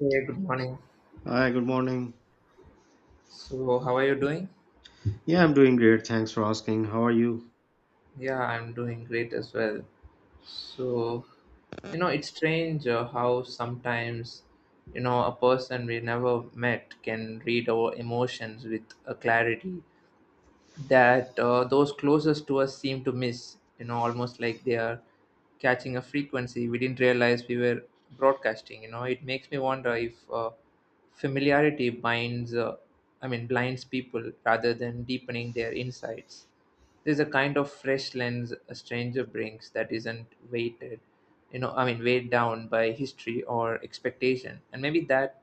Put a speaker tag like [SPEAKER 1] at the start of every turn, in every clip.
[SPEAKER 1] Hey, good morning.
[SPEAKER 2] Hi, good morning.
[SPEAKER 1] So, how are you doing?
[SPEAKER 2] Yeah, I'm doing great. Thanks for asking. How are you?
[SPEAKER 1] Yeah, I'm doing great as well. So, you know, it's strange how sometimes, you know, a person we never met can read our emotions with a clarity that those closest to us seem to miss, you know, almost like they are catching a frequency we didn't realize we were broadcasting. You know, it makes me wonder if familiarity binds I mean blinds people rather than deepening their insights. There's a kind of fresh lens a stranger brings that isn't weighted, I mean weighed down by history or expectation, and maybe that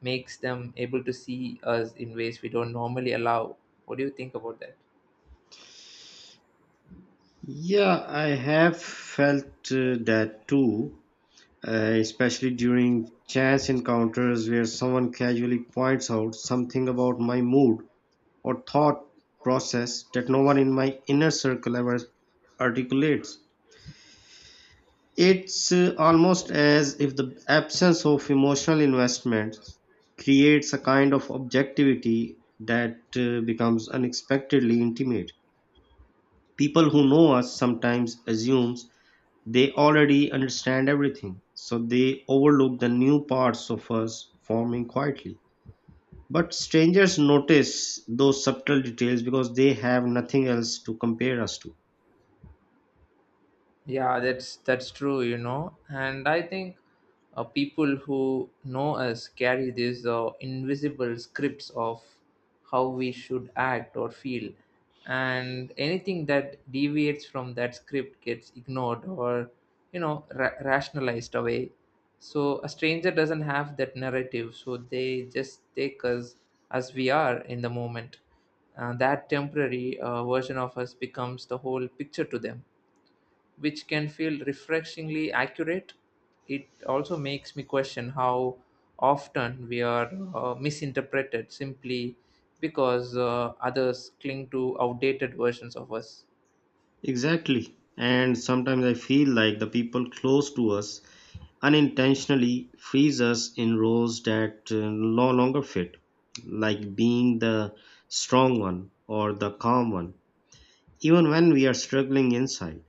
[SPEAKER 1] makes them able to see us in ways we don't normally allow. What do you think about that?
[SPEAKER 2] Yeah, I have felt that too, uh, especially during chance encounters where someone casually points out something about my mood or thought process that no one in my inner circle ever articulates. It's almost as if the absence of emotional investment creates a kind of objectivity that becomes unexpectedly intimate. People who know us sometimes assumes they already understand everything, so they overlook the new parts of us forming quietly. But strangers notice those subtle details because they have nothing else to compare us to.
[SPEAKER 1] Yeah, that's true, you know. And I think people who know us carry these invisible scripts of how we should act or feel, and anything that deviates from that script gets ignored or, you know, rationalized away. So a stranger doesn't have that narrative, so they just take us as we are in the moment. That temporary version of us becomes the whole picture to them, which can feel refreshingly accurate. It also makes me question how often we are misinterpreted simply because others cling to outdated versions of us.
[SPEAKER 2] Exactly. And sometimes I feel like the people close to us unintentionally freeze us in roles that no longer fit, like being the strong one or the calm one, even when we are struggling inside.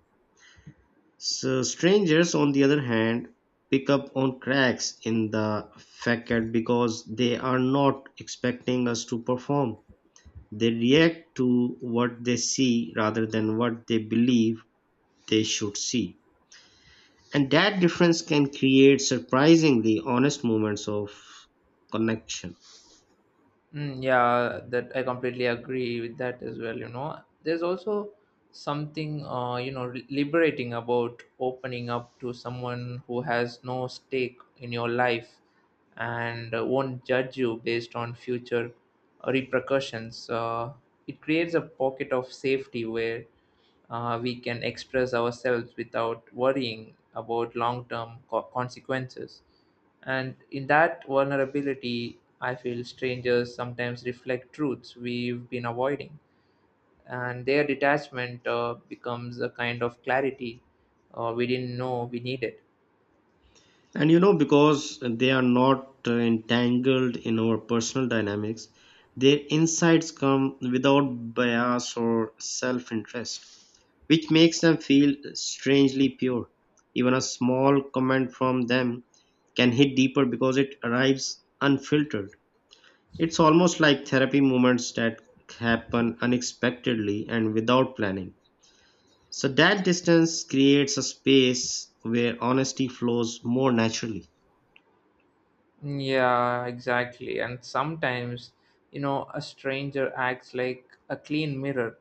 [SPEAKER 2] So strangers, on the other hand, pick up on cracks in the facade because they are not expecting us to perform. They react to what they see rather than what they believe they should see. And that difference can create surprisingly honest moments of connection.
[SPEAKER 1] Mm, yeah, that I completely agree with that as well. You know, there's also something, you know, liberating about opening up to someone who has no stake in your life and won't judge you based on future repercussions. It creates a pocket of safety where we can express ourselves without worrying about long term consequences. And in that vulnerability, I feel strangers sometimes reflect truths we've been avoiding. And their detachment becomes a kind of clarity we didn't know we needed.
[SPEAKER 2] And you know, because they are not entangled in our personal dynamics, their insights come without bias or self interest, which makes them feel strangely pure. Even a small comment from them can hit deeper because it arrives unfiltered. It's almost like therapy moments that happen unexpectedly and without planning. So, that distance creates a space where honesty flows more naturally.
[SPEAKER 1] Yeah, exactly. And sometimes, you know, a stranger acts like a clean mirror,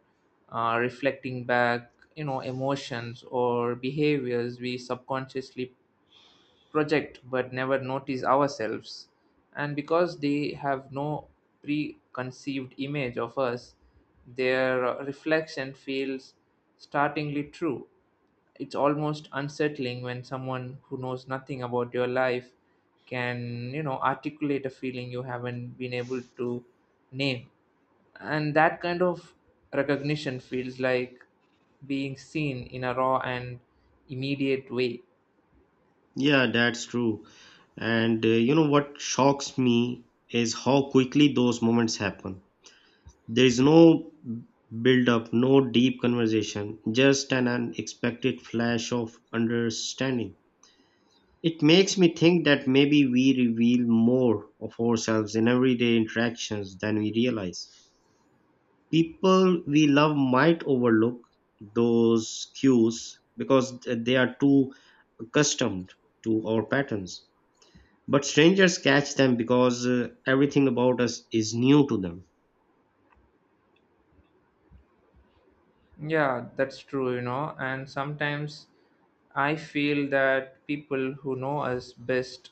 [SPEAKER 1] reflecting back, you know, emotions or behaviors we subconsciously project but never notice ourselves. And because they have no preconceived image of us, their reflection feels startlingly true. It's almost unsettling when someone who knows nothing about your life can, you know, articulate a feeling you haven't been able to name, and that kind of recognition feels like being seen in a raw and immediate way.
[SPEAKER 2] Yeah, that's true. And you know what shocks me is how quickly those moments happen. There is no build up, no deep conversation, just an unexpected flash of understanding. It makes me think that maybe we reveal more of ourselves in everyday interactions than we realize. People we love might overlook those cues because they are too accustomed to our patterns. But strangers catch them because everything about us is new to them.
[SPEAKER 1] Yeah, that's true, you know. And sometimes I feel that people who know us best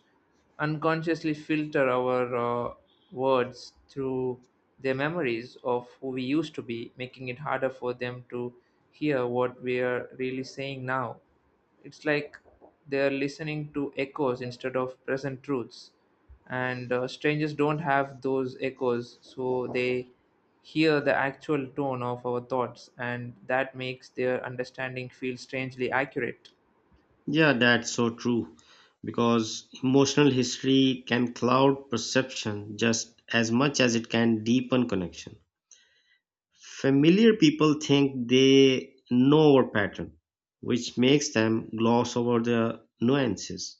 [SPEAKER 1] unconsciously filter our uh, words through their memories of who we used to be, making it harder for them to hear what we are really saying now. It's like they're listening to echoes instead of present truths, and strangers don't have those echoes, so they hear the actual tone of our thoughts, and that makes their understanding feel strangely accurate.
[SPEAKER 2] Yeah, that's so true. Because emotional history can cloud perception just as much as it can deepen connection. Familiar people think they know our pattern, which makes them gloss over the nuances.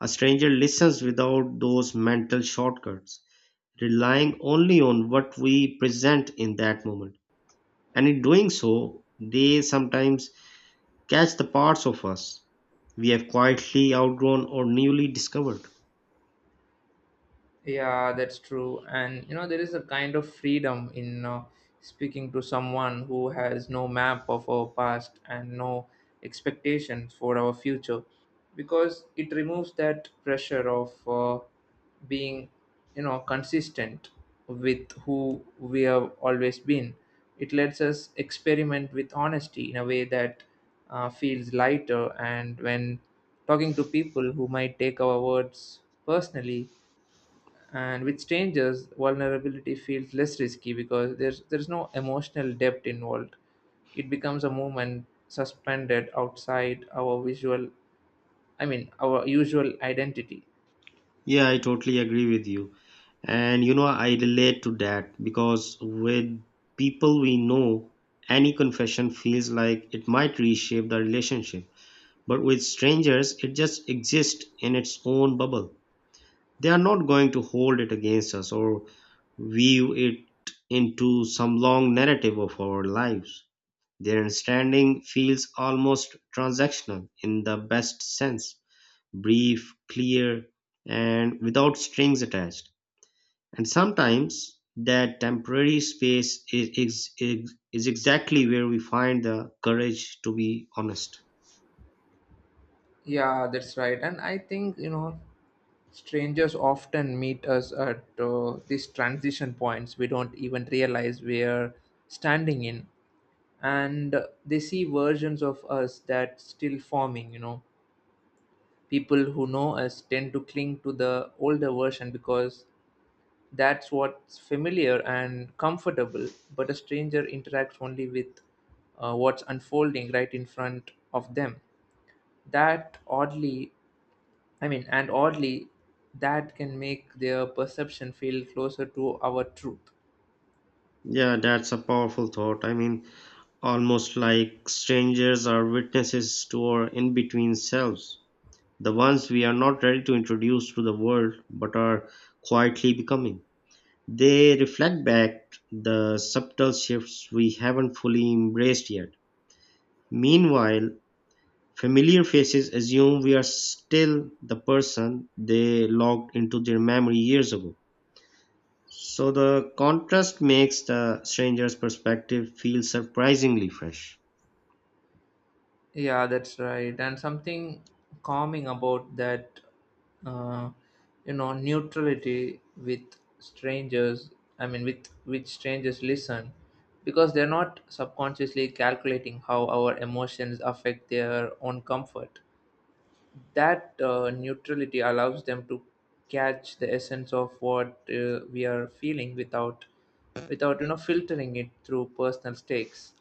[SPEAKER 2] A stranger listens without those mental shortcuts, relying only on what we present in that moment. And in doing so, they sometimes catch the parts of us we have quietly outgrown or newly discovered.
[SPEAKER 1] Yeah, that's true. And you know, there is a kind of freedom in speaking to someone who has no map of our past and no expectations for our future, because it removes that pressure of being, you know, consistent with who we have always been. It lets us experiment with honesty in a way that feels lighter. And when talking to people who might take our words personally, and with strangers, vulnerability feels less risky because there's no emotional depth involved. It becomes a moment suspended outside our visual I mean our usual identity.
[SPEAKER 2] Yeah, I totally agree with you. And you know, I relate to that because with people we know, any confession feels like it might reshape the relationship. But with strangers, it just exists in its own bubble. They are not going to hold it against us or weave it into some long narrative of our lives. Their understanding feels almost transactional in the best sense, brief, clear, and without strings attached. And sometimes that temporary space is exactly where we find the courage to be honest.
[SPEAKER 1] Yeah, that's right. And I think, you know, strangers often meet us at these transition points we don't even realize we're standing in, and they see versions of us that's still forming, you know. People who know us tend to cling to the older version because that's what's familiar and comfortable, but a stranger interacts only with what's unfolding right in front of them. That oddly, and oddly, that can make their perception feel closer to our truth.
[SPEAKER 2] Yeah, that's a powerful thought. I mean, almost like strangers are witnesses to our in between selves, the ones we are not ready to introduce to the world but are quietly becoming. They reflect back the subtle shifts we haven't fully embraced yet. Meanwhile, familiar faces assume we are still the person they logged into their memory years ago. So the contrast makes the stranger's perspective feel surprisingly fresh.
[SPEAKER 1] Yeah, that's right. And something calming about that, uh, you know, neutrality with strangers. Which strangers listen, because they're not subconsciously calculating how our emotions affect their own comfort. That neutrality allows them to catch the essence of what we are feeling without, without, you know, filtering it through personal stakes.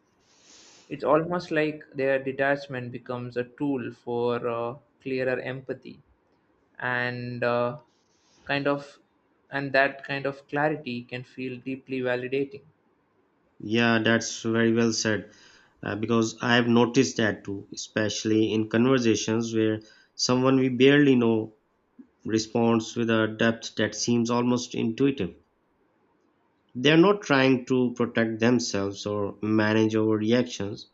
[SPEAKER 1] It's almost like their detachment becomes a tool for clearer empathy, and kind of, that kind of clarity can feel deeply validating.
[SPEAKER 2] Yeah, that's very well said. Because I have noticed that too, especially in conversations where someone we barely know responds with a depth that seems almost intuitive. They are not trying to protect themselves or manage our reactions.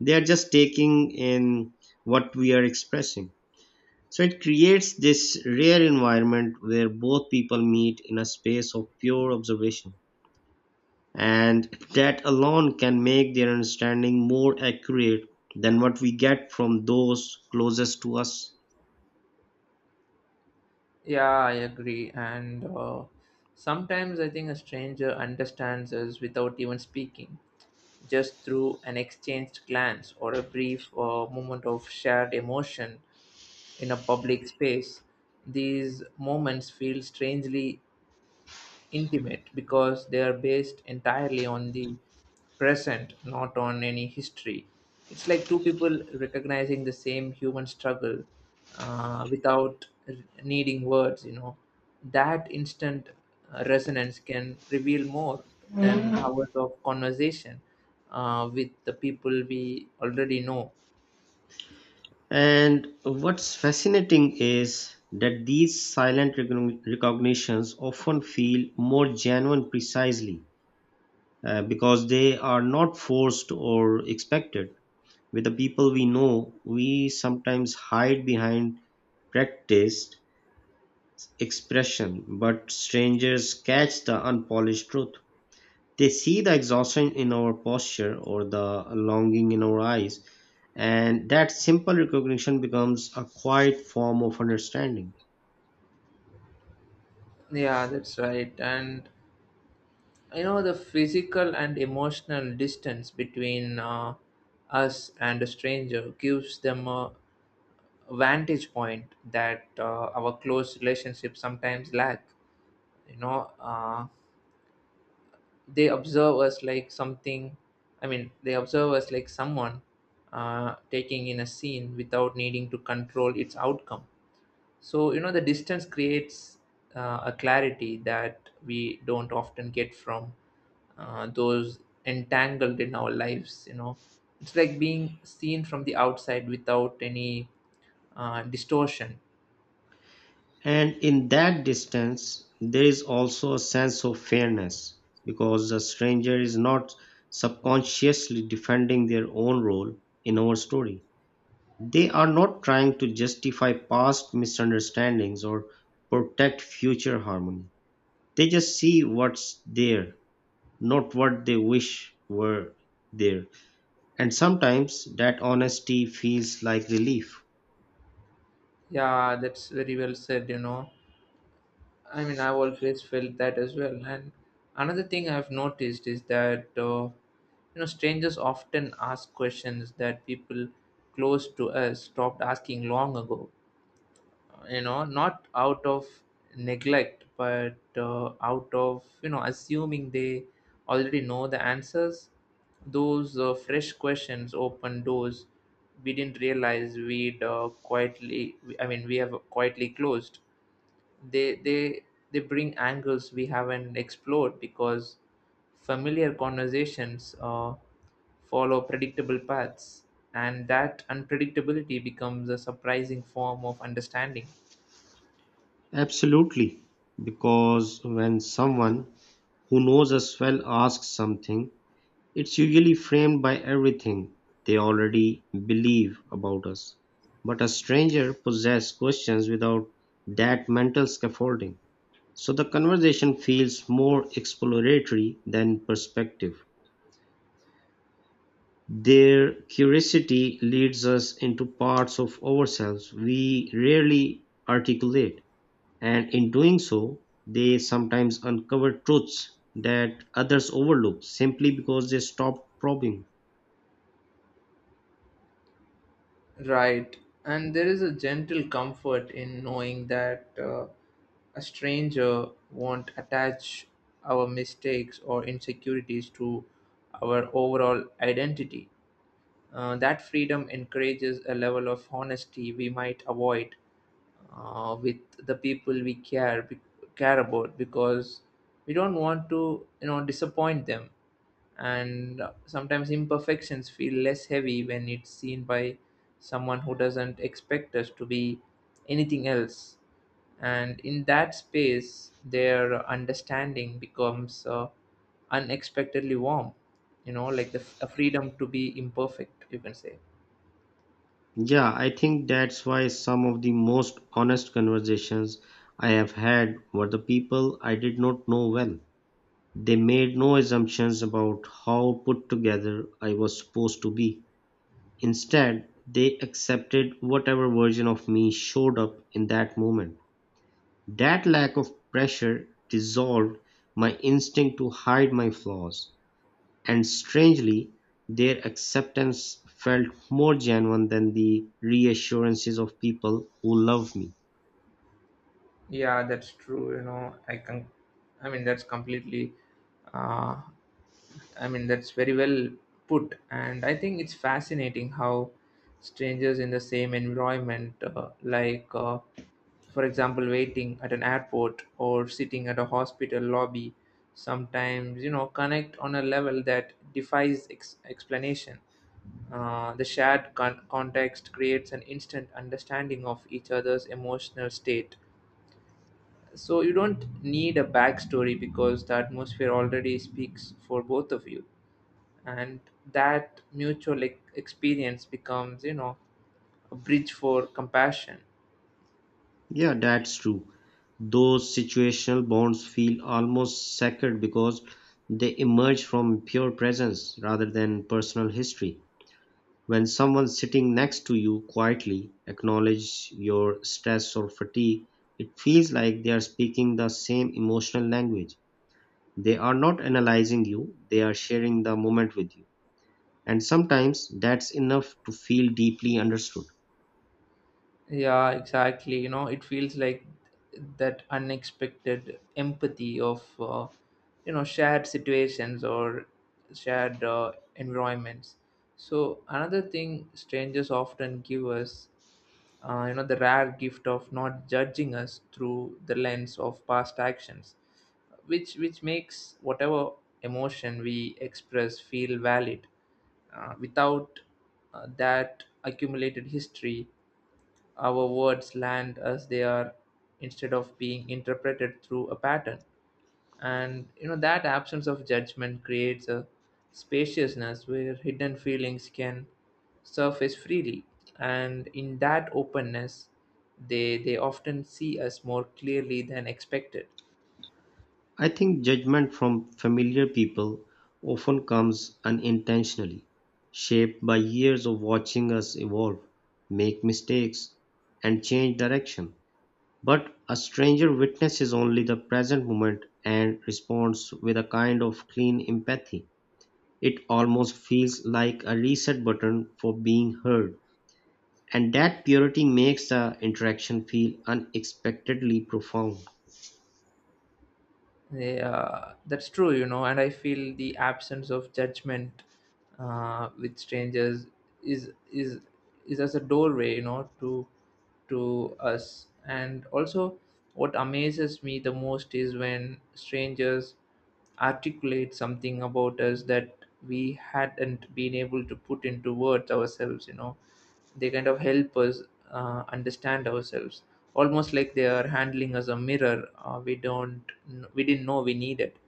[SPEAKER 2] They are just taking in what we are expressing. So it creates this rare environment where both people meet in a space of pure observation. And that alone can make their understanding more accurate than what we get from those closest to us.
[SPEAKER 1] Yeah, I agree. And sometimes I think a stranger understands us without even speaking, just through an exchanged glance or a brief moment of shared emotion in a public space. These moments feel strangely intimate because they are based entirely on the present, not on any history. It's like two people recognizing the same human struggle without r- needing words, you know. That instant resonance can reveal more than hours of conversation with the people we already know.
[SPEAKER 2] And what's fascinating is that these silent recognitions often feel more genuine precisely because they are not forced or expected. With the people we know, we sometimes hide behind practiced expression, but strangers catch the unpolished truth. They see the exhaustion in our posture or the longing in our eyes, and that simple recognition becomes a quiet form of understanding.
[SPEAKER 1] Yeah, that's right. And you know, the physical and emotional distance between us and a stranger gives them a vantage point that our close relationships sometimes lack, you know. They observe us like something they observe us like someone taking in a scene without needing to control its outcome. So, you know, the distance creates a clarity that we don't often get from those entangled in our lives, you know. It's like being seen from the outside without any distortion.
[SPEAKER 2] And in that distance, there is also a sense of fairness because the stranger is not subconsciously defending their own role in our story. They are not trying to justify past misunderstandings or protect future harmony. They just see what's there, not what they wish were there. And sometimes that honesty feels like relief.
[SPEAKER 1] Yeah, that's very well said, you know. I mean, I've always felt that as well. And another thing I've noticed is that, you know, strangers often ask questions that people close to us stopped asking long ago, you know, not out of neglect, but out of, you know, assuming they already know the answers. Those fresh questions open doors we didn't realize we'd quietly I mean we have quietly closed. They they they bring angles we haven't explored because familiar conversations follow predictable paths, and that unpredictability becomes a surprising form of understanding.
[SPEAKER 2] Absolutely. Because when someone who knows us well asks something, it's usually framed by everything they already believe about us. But a stranger possesses questions without that mental scaffolding. So the conversation feels more exploratory than perspective. Their curiosity leads us into parts of ourselves we rarely articulate, and in doing so, they sometimes uncover truths that others overlook simply because they stop probing.
[SPEAKER 1] Right. And there is a gentle comfort in knowing that a stranger won't attach our mistakes or insecurities to our overall identity. That freedom encourages a level of honesty we might avoid with the people we care about, because we don't want to, you know, disappoint them. And sometimes imperfections feel less heavy when it's seen by someone who doesn't expect us to be anything else, and in that space their understanding becomes unexpectedly warm, you know, like a freedom to be imperfect, you can say.
[SPEAKER 2] Yeah, I think that's why some of the most honest conversations I have had were the people I did not know well. They made no assumptions about how put together I was supposed to be. Instead, they accepted whatever version of me showed up in that moment. That lack of pressure dissolved my instinct to hide my flaws, and strangely, their acceptance felt more genuine than the reassurances of people who love me.
[SPEAKER 1] Yeah, that's true, you know. I can I mean that's completely uh, I mean, That's very well put. And I think it's fascinating how strangers in the same environment, for example, waiting at an airport or sitting at a hospital lobby, sometimes, you know, connect on a level that defies explanation. The shared context creates an instant understanding of each other's emotional state. So you don't need a backstory because the atmosphere already speaks for both of you, and that mutual experience becomes, you know, a bridge for compassion.
[SPEAKER 2] Yeah, that's true. Those situational bonds feel almost sacred because they emerge from pure presence rather than personal history. When someone sitting next to you quietly acknowledges your stress or fatigue, it feels like they are speaking the same emotional language. They are not analyzing you, they are sharing the moment with you. And sometimes that's enough to feel deeply understood.
[SPEAKER 1] Yeah, exactly, you know. It feels like that unexpected empathy of you know, shared situations or shared environments. So another thing strangers often give us, you know, the rare gift of not judging us through the lens of past actions, which makes whatever emotion we express feel valid. Without that accumulated history, our words land as they are instead of being interpreted through a pattern. And you know, that absence of judgment creates a spaciousness where hidden feelings can surface freely, and in that openness they often see us more clearly than expected.
[SPEAKER 2] I think judgment from familiar people often comes unintentionally, shaped by years of watching us evolve, make mistakes, and change direction. But a stranger witnesses only the present moment and responds with a kind of clean empathy. It almost feels like a reset button for being heard. And that purity makes the interaction feel unexpectedly profound.
[SPEAKER 1] They, that's true, you know. And I feel the absence of judgment with strangers is is is as a doorway, you know, to us. And also, what amazes me the most is when strangers articulate something about us that we hadn't been able to put into words ourselves, you know. They kind of help us understand ourselves, almost like they are handling us a mirror we don't kn- we didn't know we needed.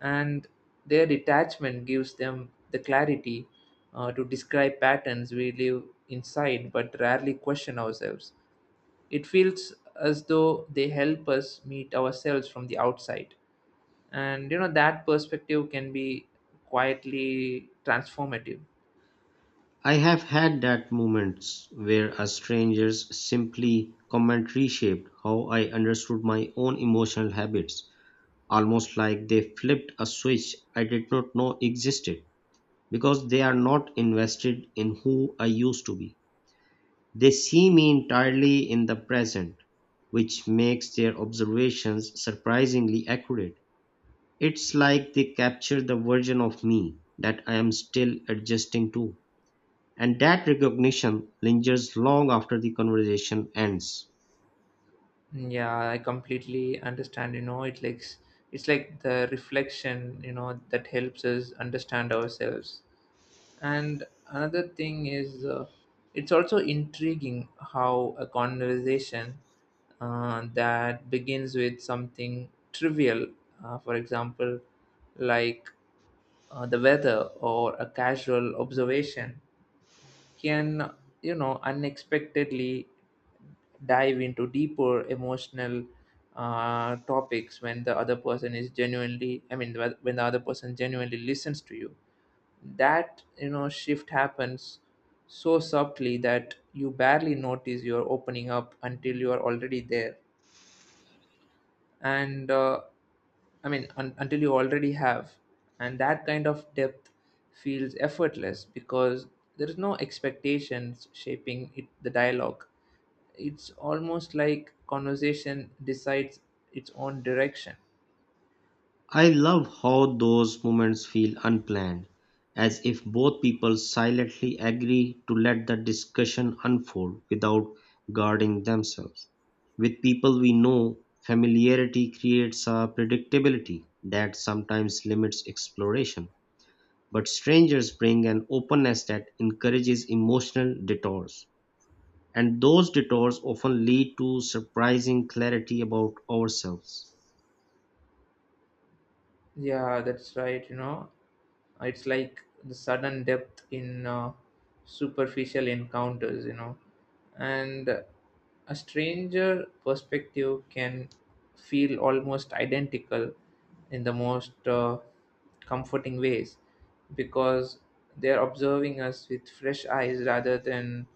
[SPEAKER 1] And their detachment gives them the clarity to describe patterns we live inside but rarely question ourselves. It feels as though they help us meet ourselves from the outside, and you know, that perspective can be quietly transformative.
[SPEAKER 2] I have had that moments where a stranger's simply commentary shaped how I understood my own emotional habits, almost like they flipped a switch I did not know existed. Because they are not invested in who I used to be. They see me entirely in the present, which makes their observations surprisingly accurate. It's like they capture the version of me that I am still adjusting to. And that recognition lingers long after the conversation ends.
[SPEAKER 1] Yeah, I completely understand, you know. It like it's like the reflection, you know, that helps us understand ourselves. And another thing is, it's also intriguing how a conversation that begins with something trivial, for example like the weather or a casual observation, can, you know, unexpectedly dive into deeper emotional topics when the other person is genuinely I mean when the other person genuinely listens to you. That, you know, shift happens so subtly that you barely notice you're opening up until you are already there. And Until you already have. And that kind of depth feels effortless because there is no expectations shaping it, the dialogue. It's almost like conversation decides its own direction.
[SPEAKER 2] I love how those moments feel unplanned, as if both people silently agree to let the discussion unfold without guarding themselves. With people we know, familiarity creates a predictability that sometimes limits exploration. But strangers bring an openness that encourages emotional detours, and those detours often lead to surprising clarity about ourselves.
[SPEAKER 1] Yeah, that's right, you know. It's like the sudden depth in superficial encounters, you know. And a stranger perspective can feel almost identical in the most comforting ways, because they're observing us with fresh eyes rather than,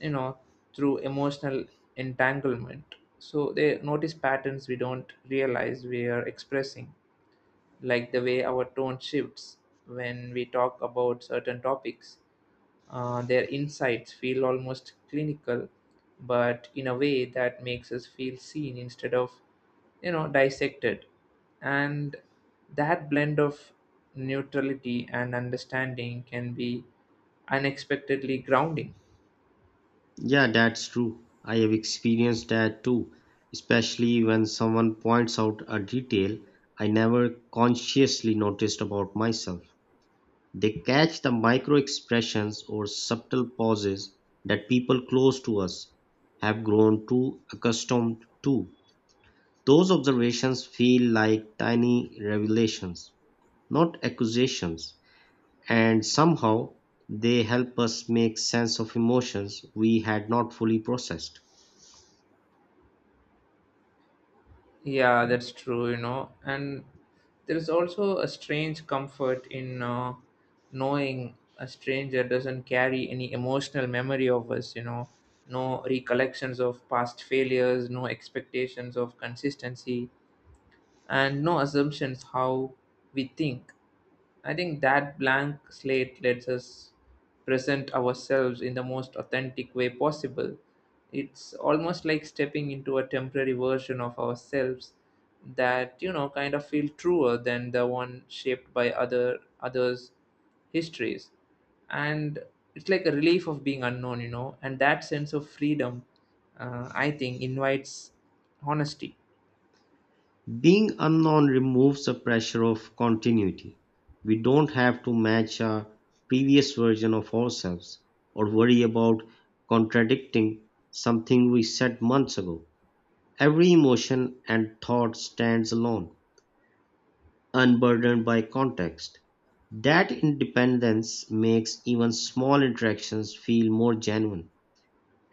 [SPEAKER 1] you know, through emotional entanglement, so they notice patterns we don't realize we are expressing, like the way our tone shifts when we talk about certain topics. Their insights feel almost clinical, but in a way that makes us feel seen instead of, you know, dissected. And that blend of neutrality and understanding can be unexpectedly grounding.
[SPEAKER 2] Yeah, that's true. I have experienced that too, especially when someone points out a detail I never consciously noticed about myself. They catch the micro expressions or subtle pauses that people close to us have grown too accustomed to. Those observations feel like tiny revelations, not accusations, and somehow they help us make sense of emotions we had not fully processed.
[SPEAKER 1] Yeah, that's true, you know. And there's also a strange comfort in knowing a stranger doesn't carry any emotional memory of us, you know, no recollections of past failures, no expectations of consistency, and no assumptions how we think. I think that blank slate lets us present ourselves in the most authentic way possible. It's almost like stepping into a temporary version of ourselves that, you know, kind of feel truer than the one shaped by others' histories. And it's like a relief of being unknown, you know. And that sense of freedom, I think, invites honesty.
[SPEAKER 2] Being unknown removes the pressure of continuity; we don't have to match a previous version of ourselves or worry about contradicting something we said months ago. Every emotion and thought stands alone, unburdened by context. That independence makes even small interactions feel more genuine.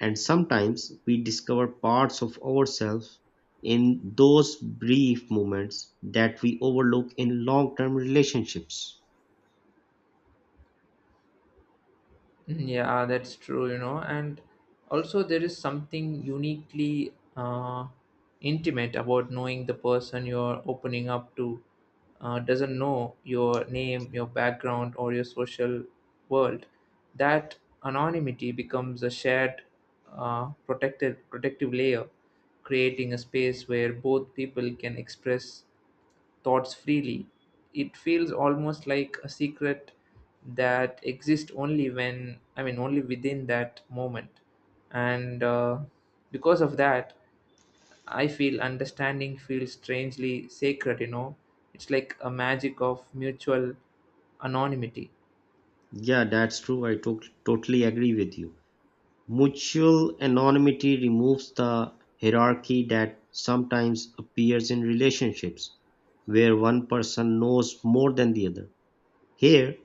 [SPEAKER 2] And sometimes we discover parts of ourselves in those brief moments that we overlook in long-term relationships.
[SPEAKER 1] Yeah, that's true, you know, and also there is something uniquely intimate about knowing the person you're opening up to doesn't know your name, your background, or your social world. That anonymity becomes a shared, protective layer, creating a space where both people can express thoughts freely. It feels almost like a secret that exists only when, I mean, only within that moment. And because of that, I feel understanding feels strangely sacred, you know. It's like a magic of mutual anonymity.
[SPEAKER 2] Yeah, that's true. I totally agree with you. Mutual anonymity removes the hierarchy that sometimes appears in relationships where one person knows more than the other. Here,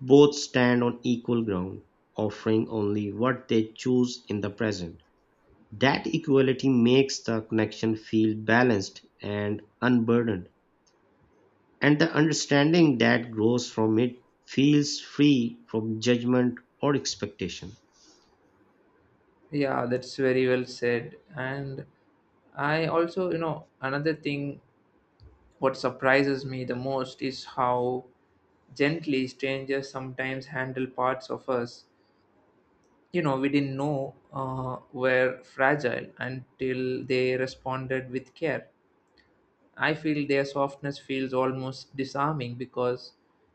[SPEAKER 2] both stand on equal ground, offering only what they choose in the present. That equality makes the connection feel balanced and unburdened, and the understanding that grows from it feels free from judgment or expectation.
[SPEAKER 1] Yeah, that's very well said. And I also, you know, another thing. What surprises me the most is how gently strangers sometimes handle parts of us. You know, we didn't know were fragile until they responded with care. I feel their softness feels almost disarming because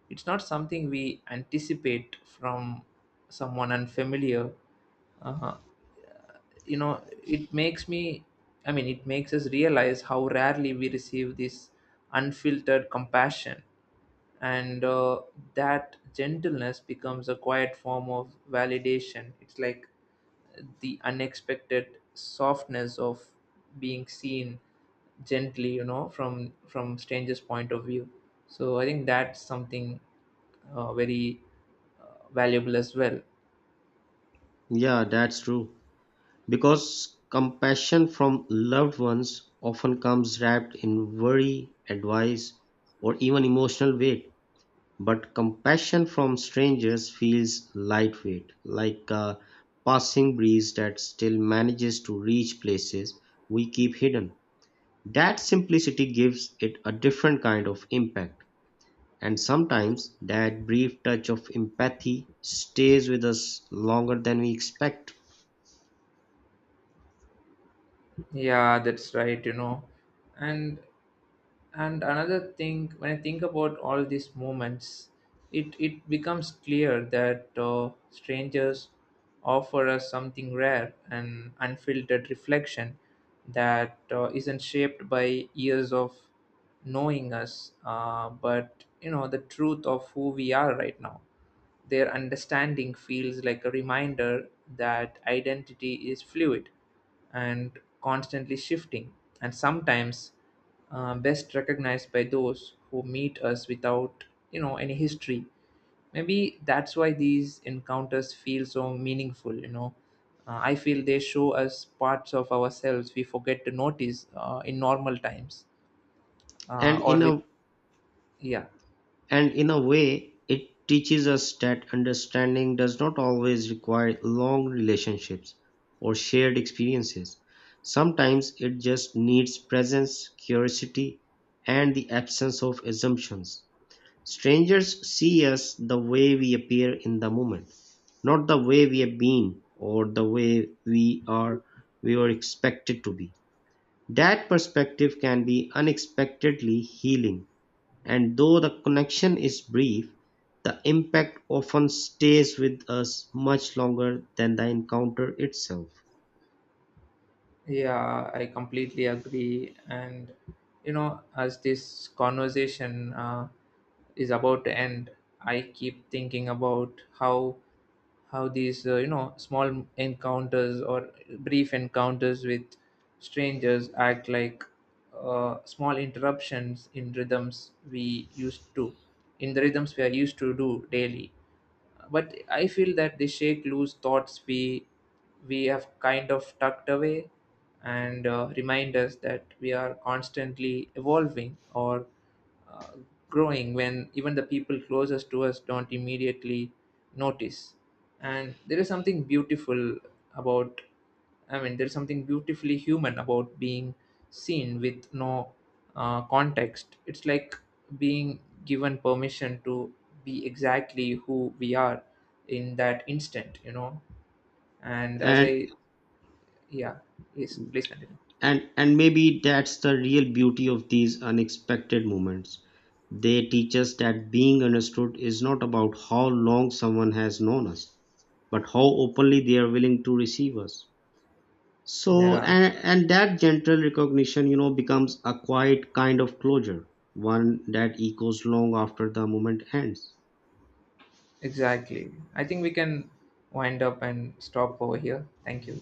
[SPEAKER 1] it's not something we anticipate from someone unfamiliar. Uh, you know, it makes me, I mean, it makes us realize how rarely we receive this unfiltered compassion, and that gentleness becomes a quiet form of validation. It's like the unexpected softness of being seen gently, you know, from strangers point of view. So I think that's something very valuable as well.
[SPEAKER 2] Yeah, that's true. Because compassion from loved ones often comes wrapped in worry, advice, or even emotional weight. But compassion from strangers feels lightweight, like a passing breeze that still manages to reach places we keep hidden. That simplicity gives it a different kind of impact. And sometimes that brief touch of empathy stays with us longer than we expect.
[SPEAKER 1] Yeah, that's right, you know. And and another thing, when I think about all these moments, it becomes clear that strangers offer us something rare, an unfiltered reflection that isn't shaped by years of knowing us, but, you know, the truth of who we are right now. Their understanding feels like a reminder that identity is fluid and constantly shifting, and sometimes best recognized by those who meet us without, you know, any history. Maybe that's why these encounters feel so meaningful. You know, I feel they show us parts of ourselves we forget to notice in normal times
[SPEAKER 2] And
[SPEAKER 1] or
[SPEAKER 2] in
[SPEAKER 1] with
[SPEAKER 2] a
[SPEAKER 1] yeah.
[SPEAKER 2] And in a way, it teaches us that understanding does not always require long relationships or shared experiences. Sometimes it just needs presence, curiosity, and the absence of assumptions. Strangers see us the way we appear in the moment, not the way we have been or the way we were expected to be. That perspective can be unexpectedly healing, and though the connection is brief, the impact often stays with us much longer than the encounter itself.
[SPEAKER 1] Yeah, I completely agree. And, you know, as this conversation is about to end, I keep thinking about how these you know, small encounters or brief encounters with strangers act like small interruptions in rhythms we used to in the rhythms we are used to do daily. But I feel that they shake loose thoughts we have kind of tucked away, and remind us that we are constantly evolving or uh, growing, when even the people closest to us don't immediately notice. And about there's something beautifully human about being seen with no context. It's like being given permission to be exactly who we are in that instant, you know. And as
[SPEAKER 2] And
[SPEAKER 1] I, yeah, Yes, please continue.
[SPEAKER 2] and maybe that's the real beauty of these unexpected moments. They teach us that being understood is not about how long someone has known us, but how openly they are willing to receive us. So
[SPEAKER 1] Yeah,
[SPEAKER 2] and, and that gentle recognition, you know, becomes a quiet kind of closure, one that echoes long after the moment ends.
[SPEAKER 1] exactly. I think we can wind up and stop over here. Thank you.